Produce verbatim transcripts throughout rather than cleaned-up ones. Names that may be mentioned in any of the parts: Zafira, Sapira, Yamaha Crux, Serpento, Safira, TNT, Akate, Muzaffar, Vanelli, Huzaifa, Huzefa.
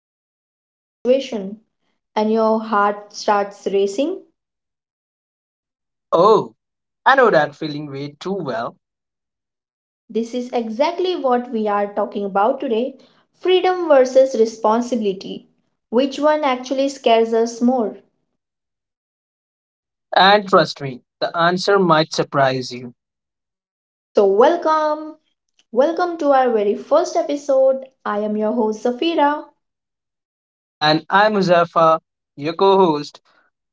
plans after graduation?" And your heart starts racing? Oh, I know that feeling way too well. This is exactly what we are talking about today: freedom versus responsibility. Which one actually scares us more? And trust me, the answer might surprise you. So, welcome! Welcome to our very first episode. I am your host, Zafira. And I'm Muzaffar, your co host.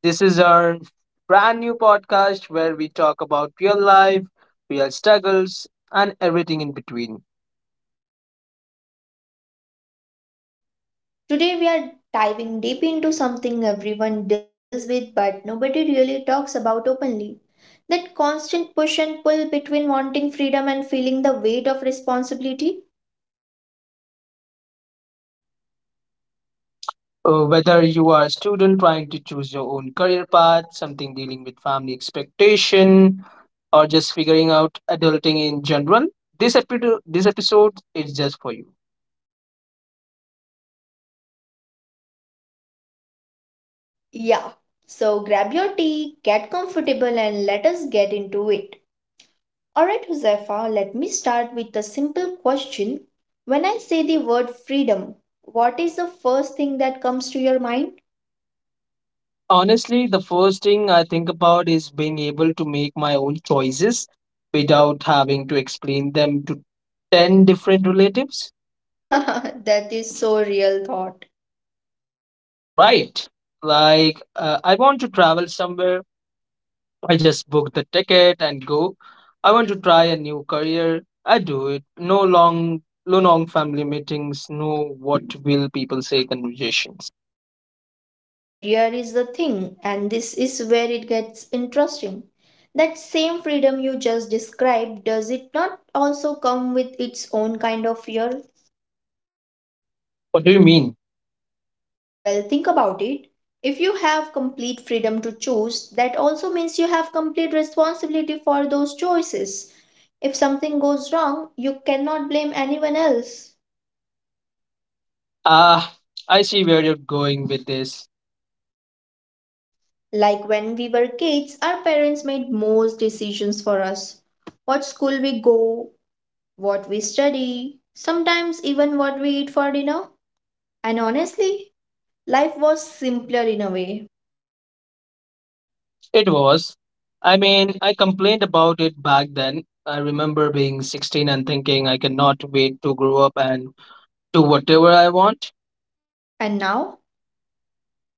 This is our brand new podcast where we talk about real life, real struggles, and everything in between. Today, we are diving deep into something everyone deals with but nobody really talks about openly. That constant push and pull between wanting freedom and feeling the weight of responsibility? Uh, whether you are a student trying to choose your own career path, something dealing with family expectation, or just figuring out adulting in general, this, epi- this episode is just for you. Yeah. So grab your tea, get comfortable, and let us get into it. Alright, Huzaifa, let me start with a simple question. When I say the word freedom, what is the first thing that comes to your mind? Honestly, the first thing I think about is being able to make my own choices without having to explain them to ten different relatives. That is so real thought. Right. Like, uh, I want to travel somewhere. I just book the ticket and go. I want to try a new career. I do it. No long, no long family meetings. No what will people say conversations. But here is the thing, and this is where it gets interesting. That same freedom you just described, does it not also come with its own kind of fear? What do you mean? Well, think about it. If you have complete freedom to choose, that also means you have complete responsibility for those choices. If something goes wrong, you cannot blame anyone else. Ah, I see where you're going with this. Like when we were kids, our parents made most decisions for us. What school we go, what we study, sometimes even what we eat for dinner. And honestly, life was simpler in a way. It was. I mean, I complained about it back then. I remember being sixteen and thinking I cannot wait to grow up and do whatever I want. And now,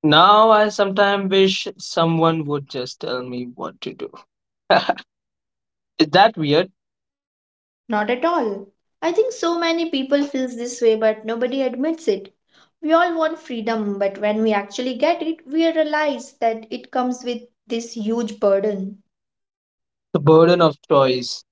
Now I sometimes wish someone would just tell me what to do. Is that weird? not at all. I think so many people feels this way but nobody admits it. We all want freedom, but when we actually get it, we realize that it comes with this huge burden. The burden of choice.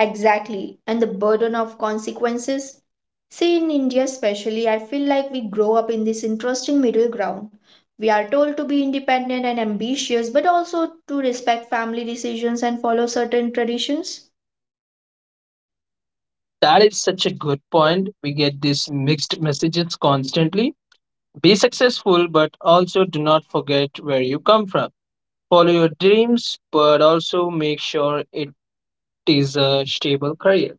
Exactly, and the burden of consequences. See, in India especially, I feel like we grow up in this interesting middle ground. We are told to be independent and ambitious, but also to respect family decisions and follow certain traditions. That is such a good point. We get these mixed messages constantly. Be successful, but also do not forget where you come from. Follow your dreams, but also make sure it is a stable career.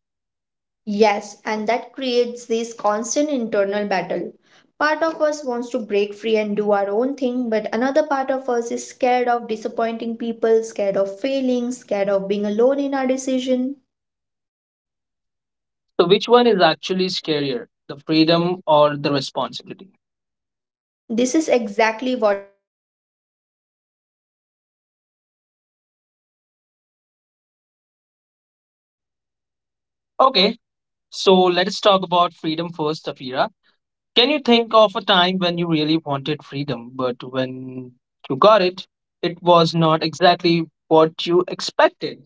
Yes, and that creates this constant internal battle. Part of us wants to break free and do our own thing, but another part of us is scared of disappointing people, scared of failing, scared of being alone in our decision. So, which one is actually scarier, the freedom or the responsibility? This is exactly what we are going to explore today. Let us break it down pieces by pieces. Okay, Okay, so so let's let's talk talk about about freedom freedom first, first, Safira. Sapira. Can Can you you think think of of a a time time when when you you really really wanted wanted freedom, freedom, but but when when you you got got it, it, it it was was not not exactly exactly what what you you expected? expected?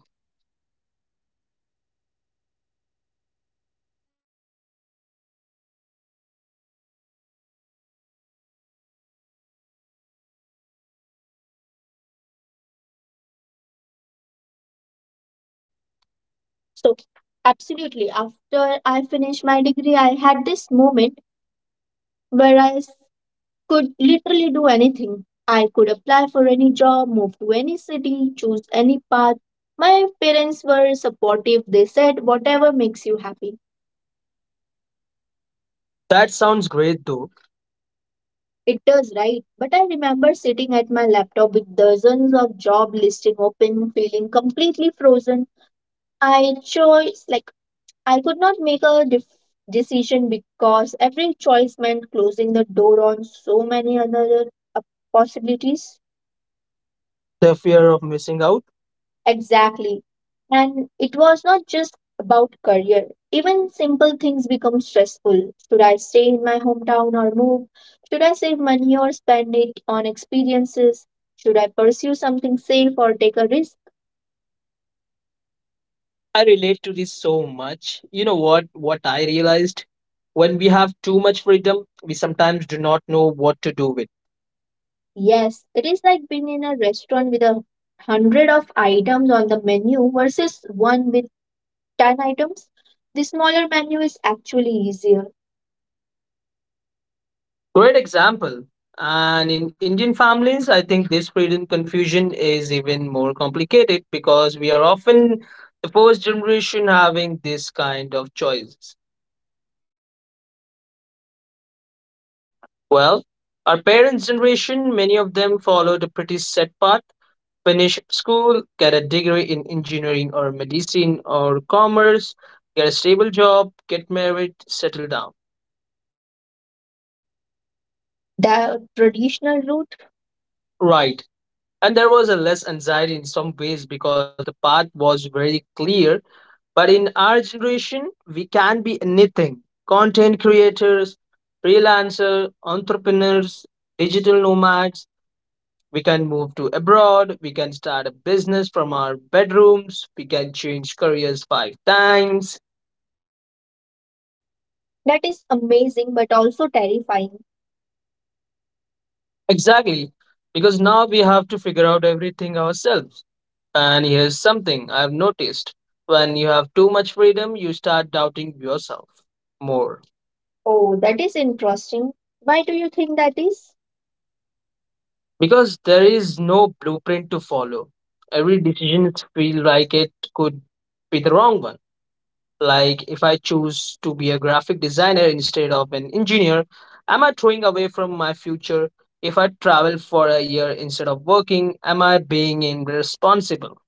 Oh, absolutely. So, after I finished my degree, I had this moment So, absolutely, after I finished my degree, I had this moment where I could literally do anything. I could apply for any job, move to any city, choose any path. My parents were supportive. They said, whatever makes you happy. That sounds great though. It does, right? But I remember sitting at my laptop with dozens of job listings open, feeling completely frozen. I chose, like, I could not make a def- decision because every choice meant closing the door on so many other uh, possibilities. The fear of missing out. Exactly. And it was not just about career. Even simple things become stressful. Should I stay in my hometown or move? Should I save money or spend it on experiences? Should I pursue something safe or take a risk? I relate to this so much. You know what? What I realized, when we have too much freedom, we sometimes do not know what to do with. Yes, it is like being in a restaurant with a hundred of items on the menu versus one with ten items, the smaller menu is actually easier. Great example. And in Indian families, I think this freedom confusion is even more complicated because we are often the first generation having this kind of choices. Well, our parents' generation, many of them followed a pretty set path, finish school, get a degree in engineering or medicine or commerce, get a stable job, get married, settle down. The traditional route. Right. And there was a less anxiety in some ways because the path was very clear. But in our generation, we can be anything, content creators, freelancer, entrepreneurs, digital nomads. We can move to abroad. We can start a business from our bedrooms. We can change careers five times. That is amazing but also terrifying. Exactly. Because now we have to figure out everything ourselves. And here's something I've noticed, when you have too much freedom, you start doubting yourself more. Oh, that is interesting. Why do you think that is? Because there is no blueprint to follow. Every decision feels like it could be the wrong one. Like if I choose to be a graphic designer instead of an engineer, am I throwing away from my future? If I travel for a year instead of working, am I being irresponsible?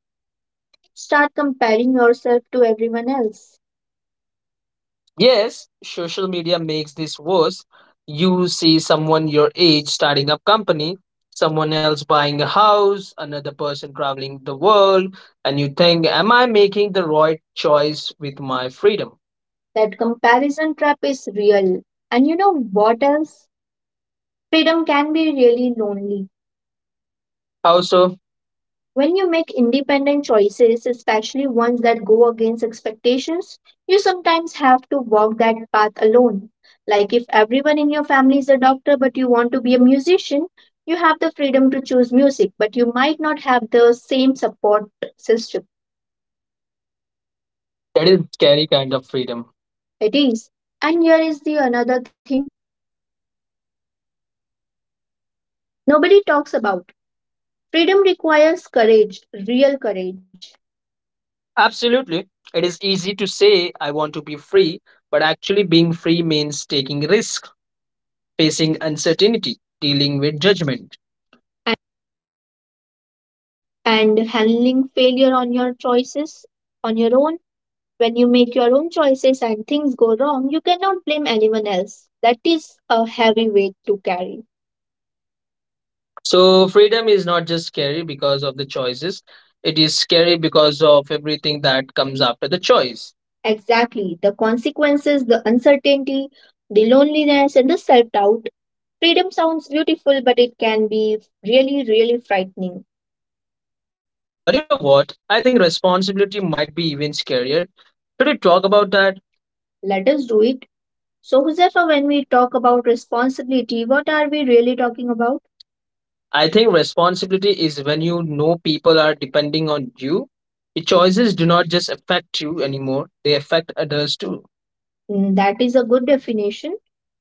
Start comparing yourself to everyone else. Yes, social media makes this worse. You see someone your age starting up company, someone else buying a house, another person traveling the world, and you think, am I making the right choice with my freedom? That comparison trap is real. And you know what else? Freedom can be really lonely. How so? When you make independent choices, especially ones that go against expectations, you sometimes have to walk that path alone. Like if everyone in your family is a doctor but you want to be a musician, you have the freedom to choose music, but you might not have the same support system. That is scary kind of freedom. It is. And here is the another thing nobody talks about. Freedom requires courage, real courage. Absolutely. It is easy to say, I want to be free, but actually being free means taking risk, facing uncertainty, dealing with judgment, and handling failure on your choices on your own. When you make your own choices and things go wrong, you cannot blame anyone else. That is a heavy weight to carry. So freedom is not just scary because of the choices. It is scary because of everything that comes after the choice. Exactly. The consequences, the uncertainty, the loneliness, and the self doubt. Freedom sounds beautiful, but it can be really, really frightening. But you know what? I think responsibility might be even scarier. Should we talk about that? Let us do it. So, Josefa, when we talk about responsibility, what are we really talking about? I think responsibility is when you know people are depending on you. Your choices do not just affect you anymore, they affect others too. Mm, that is a good definition.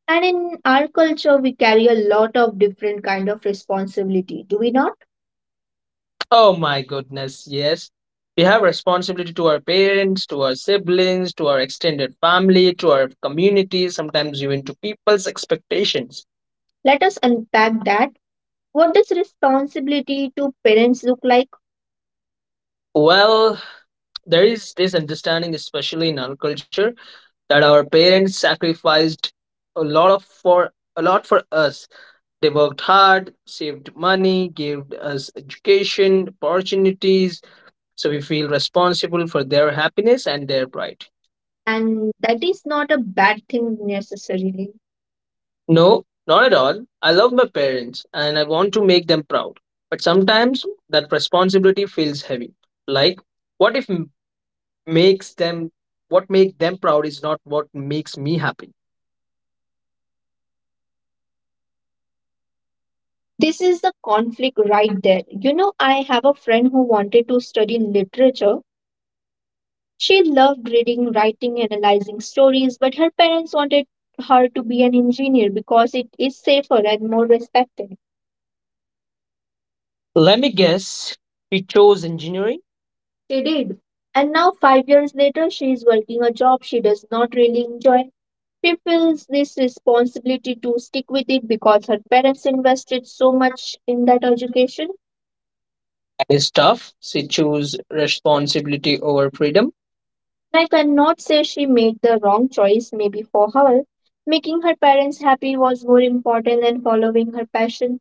And in our culture, we carry a lot of different kind of responsibility, do we not? Oh my goodness, yes. We have responsibility to our parents, to our siblings, to our extended family, to our community, sometimes even to people's expectations. Let us unpack that, what does responsibility to parents look like? Well, there is this understanding, especially in our culture, that our parents sacrificed a lot of for a lot for us. They worked hard, saved money, gave us education, opportunities, so we feel responsible for their happiness and their pride. And that is not a bad thing necessarily. No, not at all. I love my parents and I want to make them proud. But sometimes that responsibility feels heavy. Like, what if m- makes them, what makes them proud is not what makes me happy? This is the conflict right there. You know, I have a friend who wanted to study literature. She loved reading, writing, analyzing stories, but her parents wanted her to be an engineer because it is safer and more respected. Let me guess, she chose engineering. She did. And now, five years later, she is working a job she does not really enjoy. She feels this responsibility to stick with it because her parents invested so much in that education. That is tough. She chose responsibility over freedom. I cannot say she made the wrong choice, maybe for her. Making her parents happy was more important than following her passion,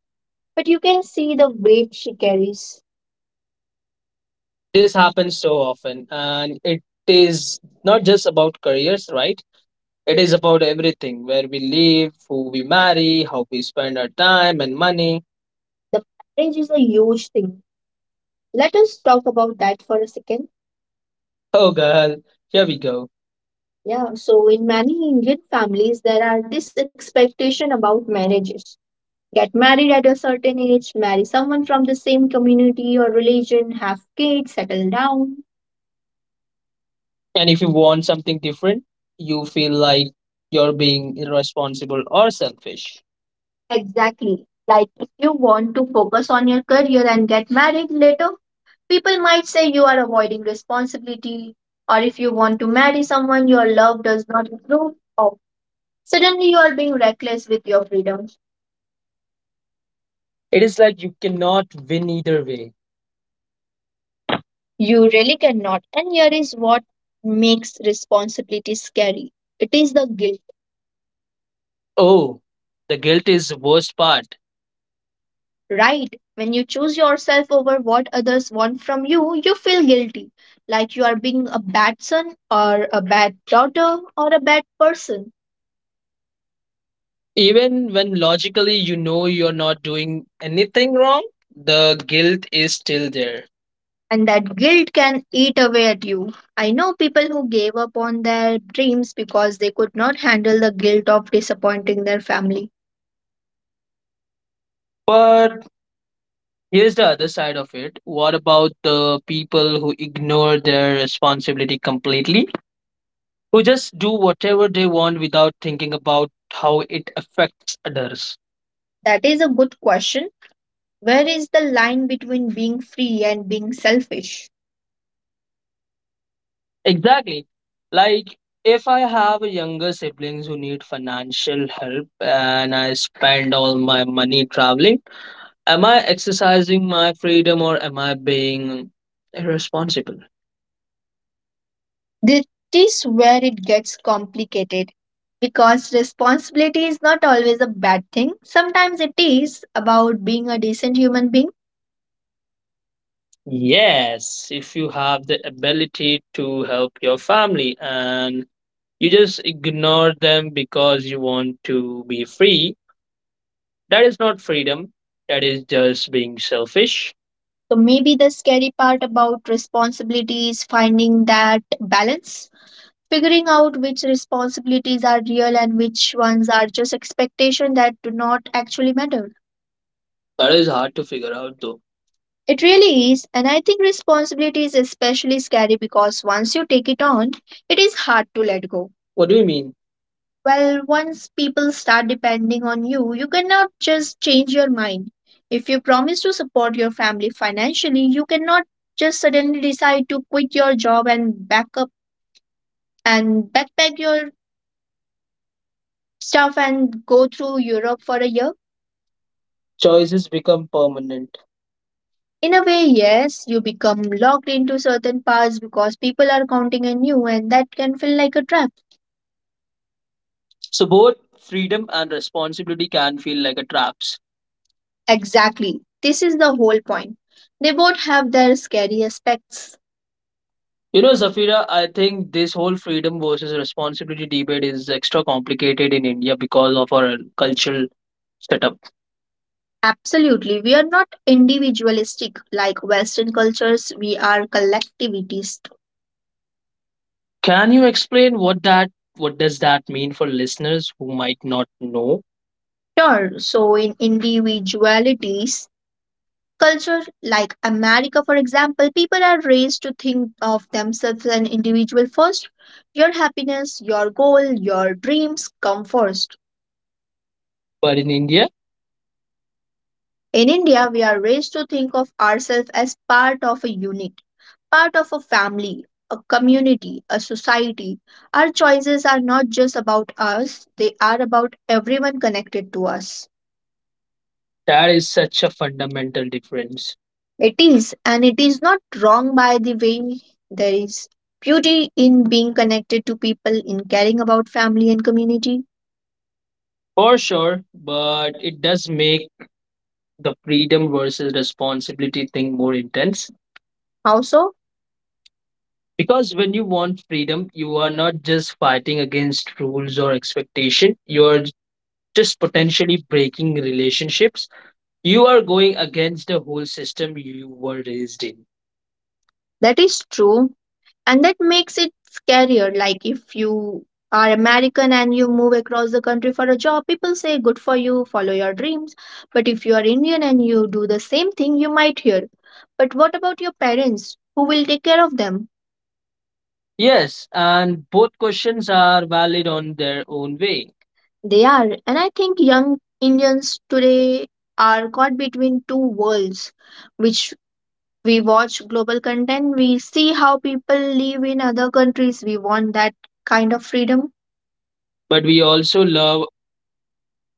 but you can see the weight she carries. This happens so often and it is not just about careers, right, it is about everything, where we live, who we marry, how we spend our time and money. The marriage is a huge thing. Let us talk about that for a second. Oh girl, here we go. Yeah, so in many Indian families, there are this expectation about marriages. Get married at a certain age, marry someone from the same community or religion, have kids, settle down. And if you want something different, you feel like you're being irresponsible or selfish. Exactly. Like if you want to focus on your career and get married later, people might say you are avoiding responsibility. Or if you want to marry someone your love does not approve of, suddenly you are being reckless with your freedom. It is like you cannot win either way. You really cannot. And here is what makes responsibility scary, it is the guilt. Oh, the guilt is the worst part. Right. When you choose yourself over what others want from you, you feel guilty, like you are being a bad son or a bad daughter or a bad person. Even when logically you know you're not doing anything wrong, the guilt is still there. And that guilt can eat away at you. I know people who gave up on their dreams because they could not handle the guilt of disappointing their family. But here's the other side of it. What about the people who ignore their responsibility completely, who just do whatever they want without thinking about how it affects others? That is a good question. Where is the line between being free and being selfish? Exactly. Like, if I have younger siblings who need financial help and I spend all my money traveling, am I exercising my freedom or am I being irresponsible? This is where it gets complicated because responsibility is not always a bad thing. Sometimes it is about being a decent human being. Yes, if you have the ability to help your family and you just ignore them because you want to be free, that is not freedom. That is just being selfish. So maybe the scary part about responsibility is finding that balance, figuring out which responsibilities are real and which ones are just expectations that do not actually matter. That is hard to figure out though. It really is, and I think responsibility is especially scary because once you take it on, it is hard to let go. What do you mean? Well, once people start depending on you, you cannot just change your mind. If you promise to support your family financially, you cannot just suddenly decide to quit your job and back up and backpack your stuff and go through Europe for a year. Choices become permanent. In a way, yes, you become locked into certain paths because people are counting on you, and that can feel like a trap. So both freedom and responsibility can feel like a traps. Exactly. This is the whole point. They both have their scary aspects. You know, Zafira, I think this whole freedom versus responsibility debate is extra complicated in India because of our cultural setup. Absolutely. We are not individualistic like Western cultures, we are collectivist. Can you explain what that what does that mean for listeners who might not know? Sure. So, in individualities, culture like America, for example, people are raised to think of themselves as an individual first. Your happiness, your goal, your dreams come first. But in India, In India, we are raised to think of ourselves as part of a unit, part of a family, a community, a society. Our choices are not just about us, they are about everyone connected to us. That is such a fundamental difference. It is, and it is not wrong by the way. There is beauty in being connected to people, in caring about family and community. For sure, but it does make the freedom versus responsibility thing more intense. How so? Because when you want freedom, you are not just fighting against rules or expectation, you are just potentially breaking relationships, you are going against the whole system you were raised in. That is true. And that makes it scarier. Like, if you are American and you move across the country for a job, people say good for you, follow your dreams. But if you are Indian and you do the same thing, you might hear, but what about your parents, who will take care of them? Yes, and both questions are valid on their own way. They are, and I think young Indians today are caught between two worlds, which, we watch global content, we see how people live in other countries. We want that kind of freedom. But we also love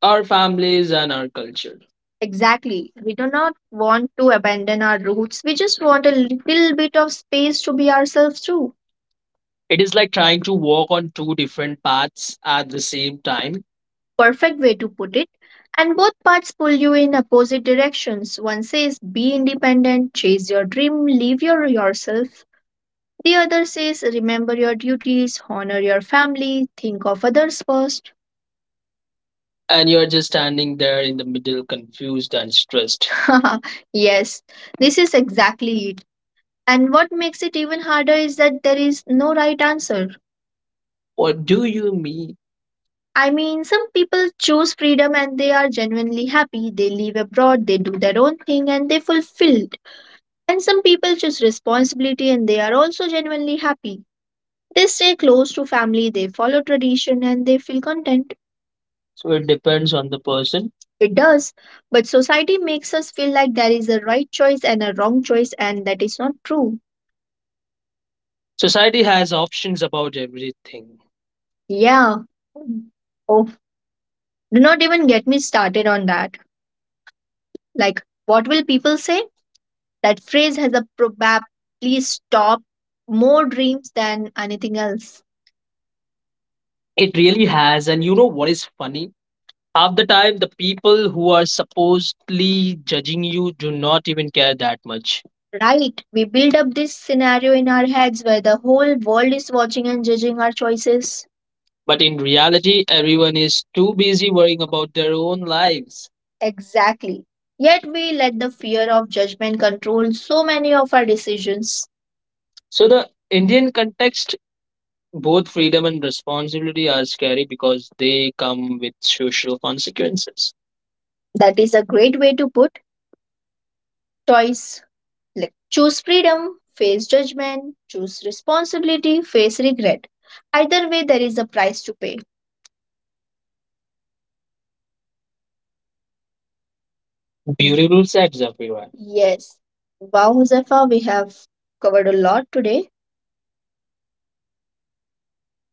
our families and our culture. Exactly. We do not want to abandon our roots. We just want a little bit of space to be ourselves too. It is like trying to walk on two different paths at the same time. Perfect way to put it. And both paths pull you in opposite directions. One says be independent, chase your dream, live your yourself. The other says, remember your duties, honor your family, think of others first. And you're just standing there in the middle, confused and stressed. Yes, this is exactly it. And what makes it even harder is that there is no right answer. What do you mean? I mean, some people choose freedom and they are genuinely happy. They live abroad, they do their own thing, and they fulfilled. And some people choose responsibility and they are also genuinely happy. They stay close to family, they follow tradition, and they feel content. So it depends on the person. It does. But society makes us feel like there is a right choice and a wrong choice, and that is not true. Society has options about everything. Yeah. Oh, do not even get me started on that. Like, what will people say? That phrase has a probab please stop more dreams than anything else. It really has. And you know what is funny? Half the time the people who are supposedly judging you do not even care that much. Right, we build up this scenario in our heads where the whole world is watching and judging our choices. But in reality, everyone is too busy worrying about their own lives. Exactly. Yet we let the fear of judgment control so many of our decisions. So the Indian context, both freedom and responsibility are scary because they come with social consequences. That is a great way to put choice. Like choose freedom, face judgment, choose responsibility, face regret. Either way, there is a price to pay. Beautiful sets, everyone. Yes. Wow, Huzefa, we have covered a lot today.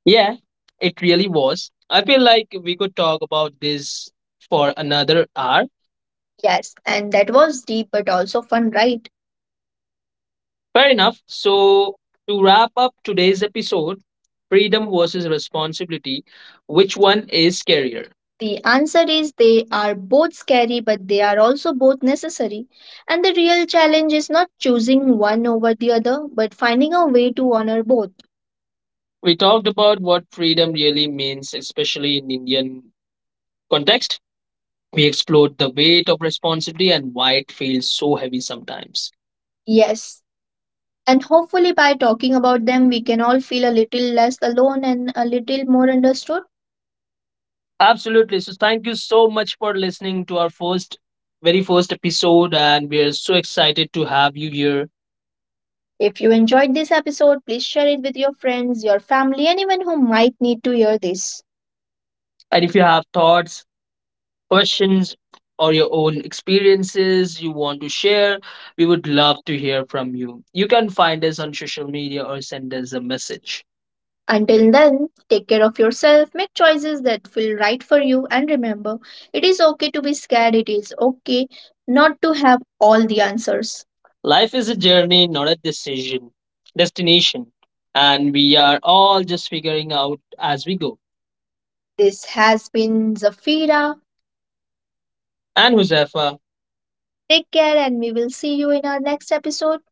Yeah, it really was. I feel like we could talk about this for another hour. Yes, and that was deep but also fun, right? Fair enough. So, to wrap up today's episode, freedom versus responsibility, which one is scarier? The answer is they are both scary, but they are also both necessary. And the real challenge is not choosing one over the other, but finding a way to honor both. We talked about what freedom really means, especially in Indian context. We explored the weight of responsibility and why it feels so heavy sometimes. Yes, and hopefully, by talking about them, we can all feel a little less alone and a little more understood. Absolutely. So thank you so much for listening to our first very first episode, and we are so excited to have you here. If you enjoyed this episode, please share it with your friends, your family, anyone who might need to hear this. And if you have thoughts, questions or your own experiences you want to share, we would love to hear from you. You can find us on social media or send us a message. Until then, take care of yourself, make choices that feel right for you, and remember, it is okay to be scared, it is okay not to have all the answers. Life is a journey, not a decision, destination, and we are all just figuring out as we go. This has been Zafira. And Huzafa, take care, and we will see you in our next episode.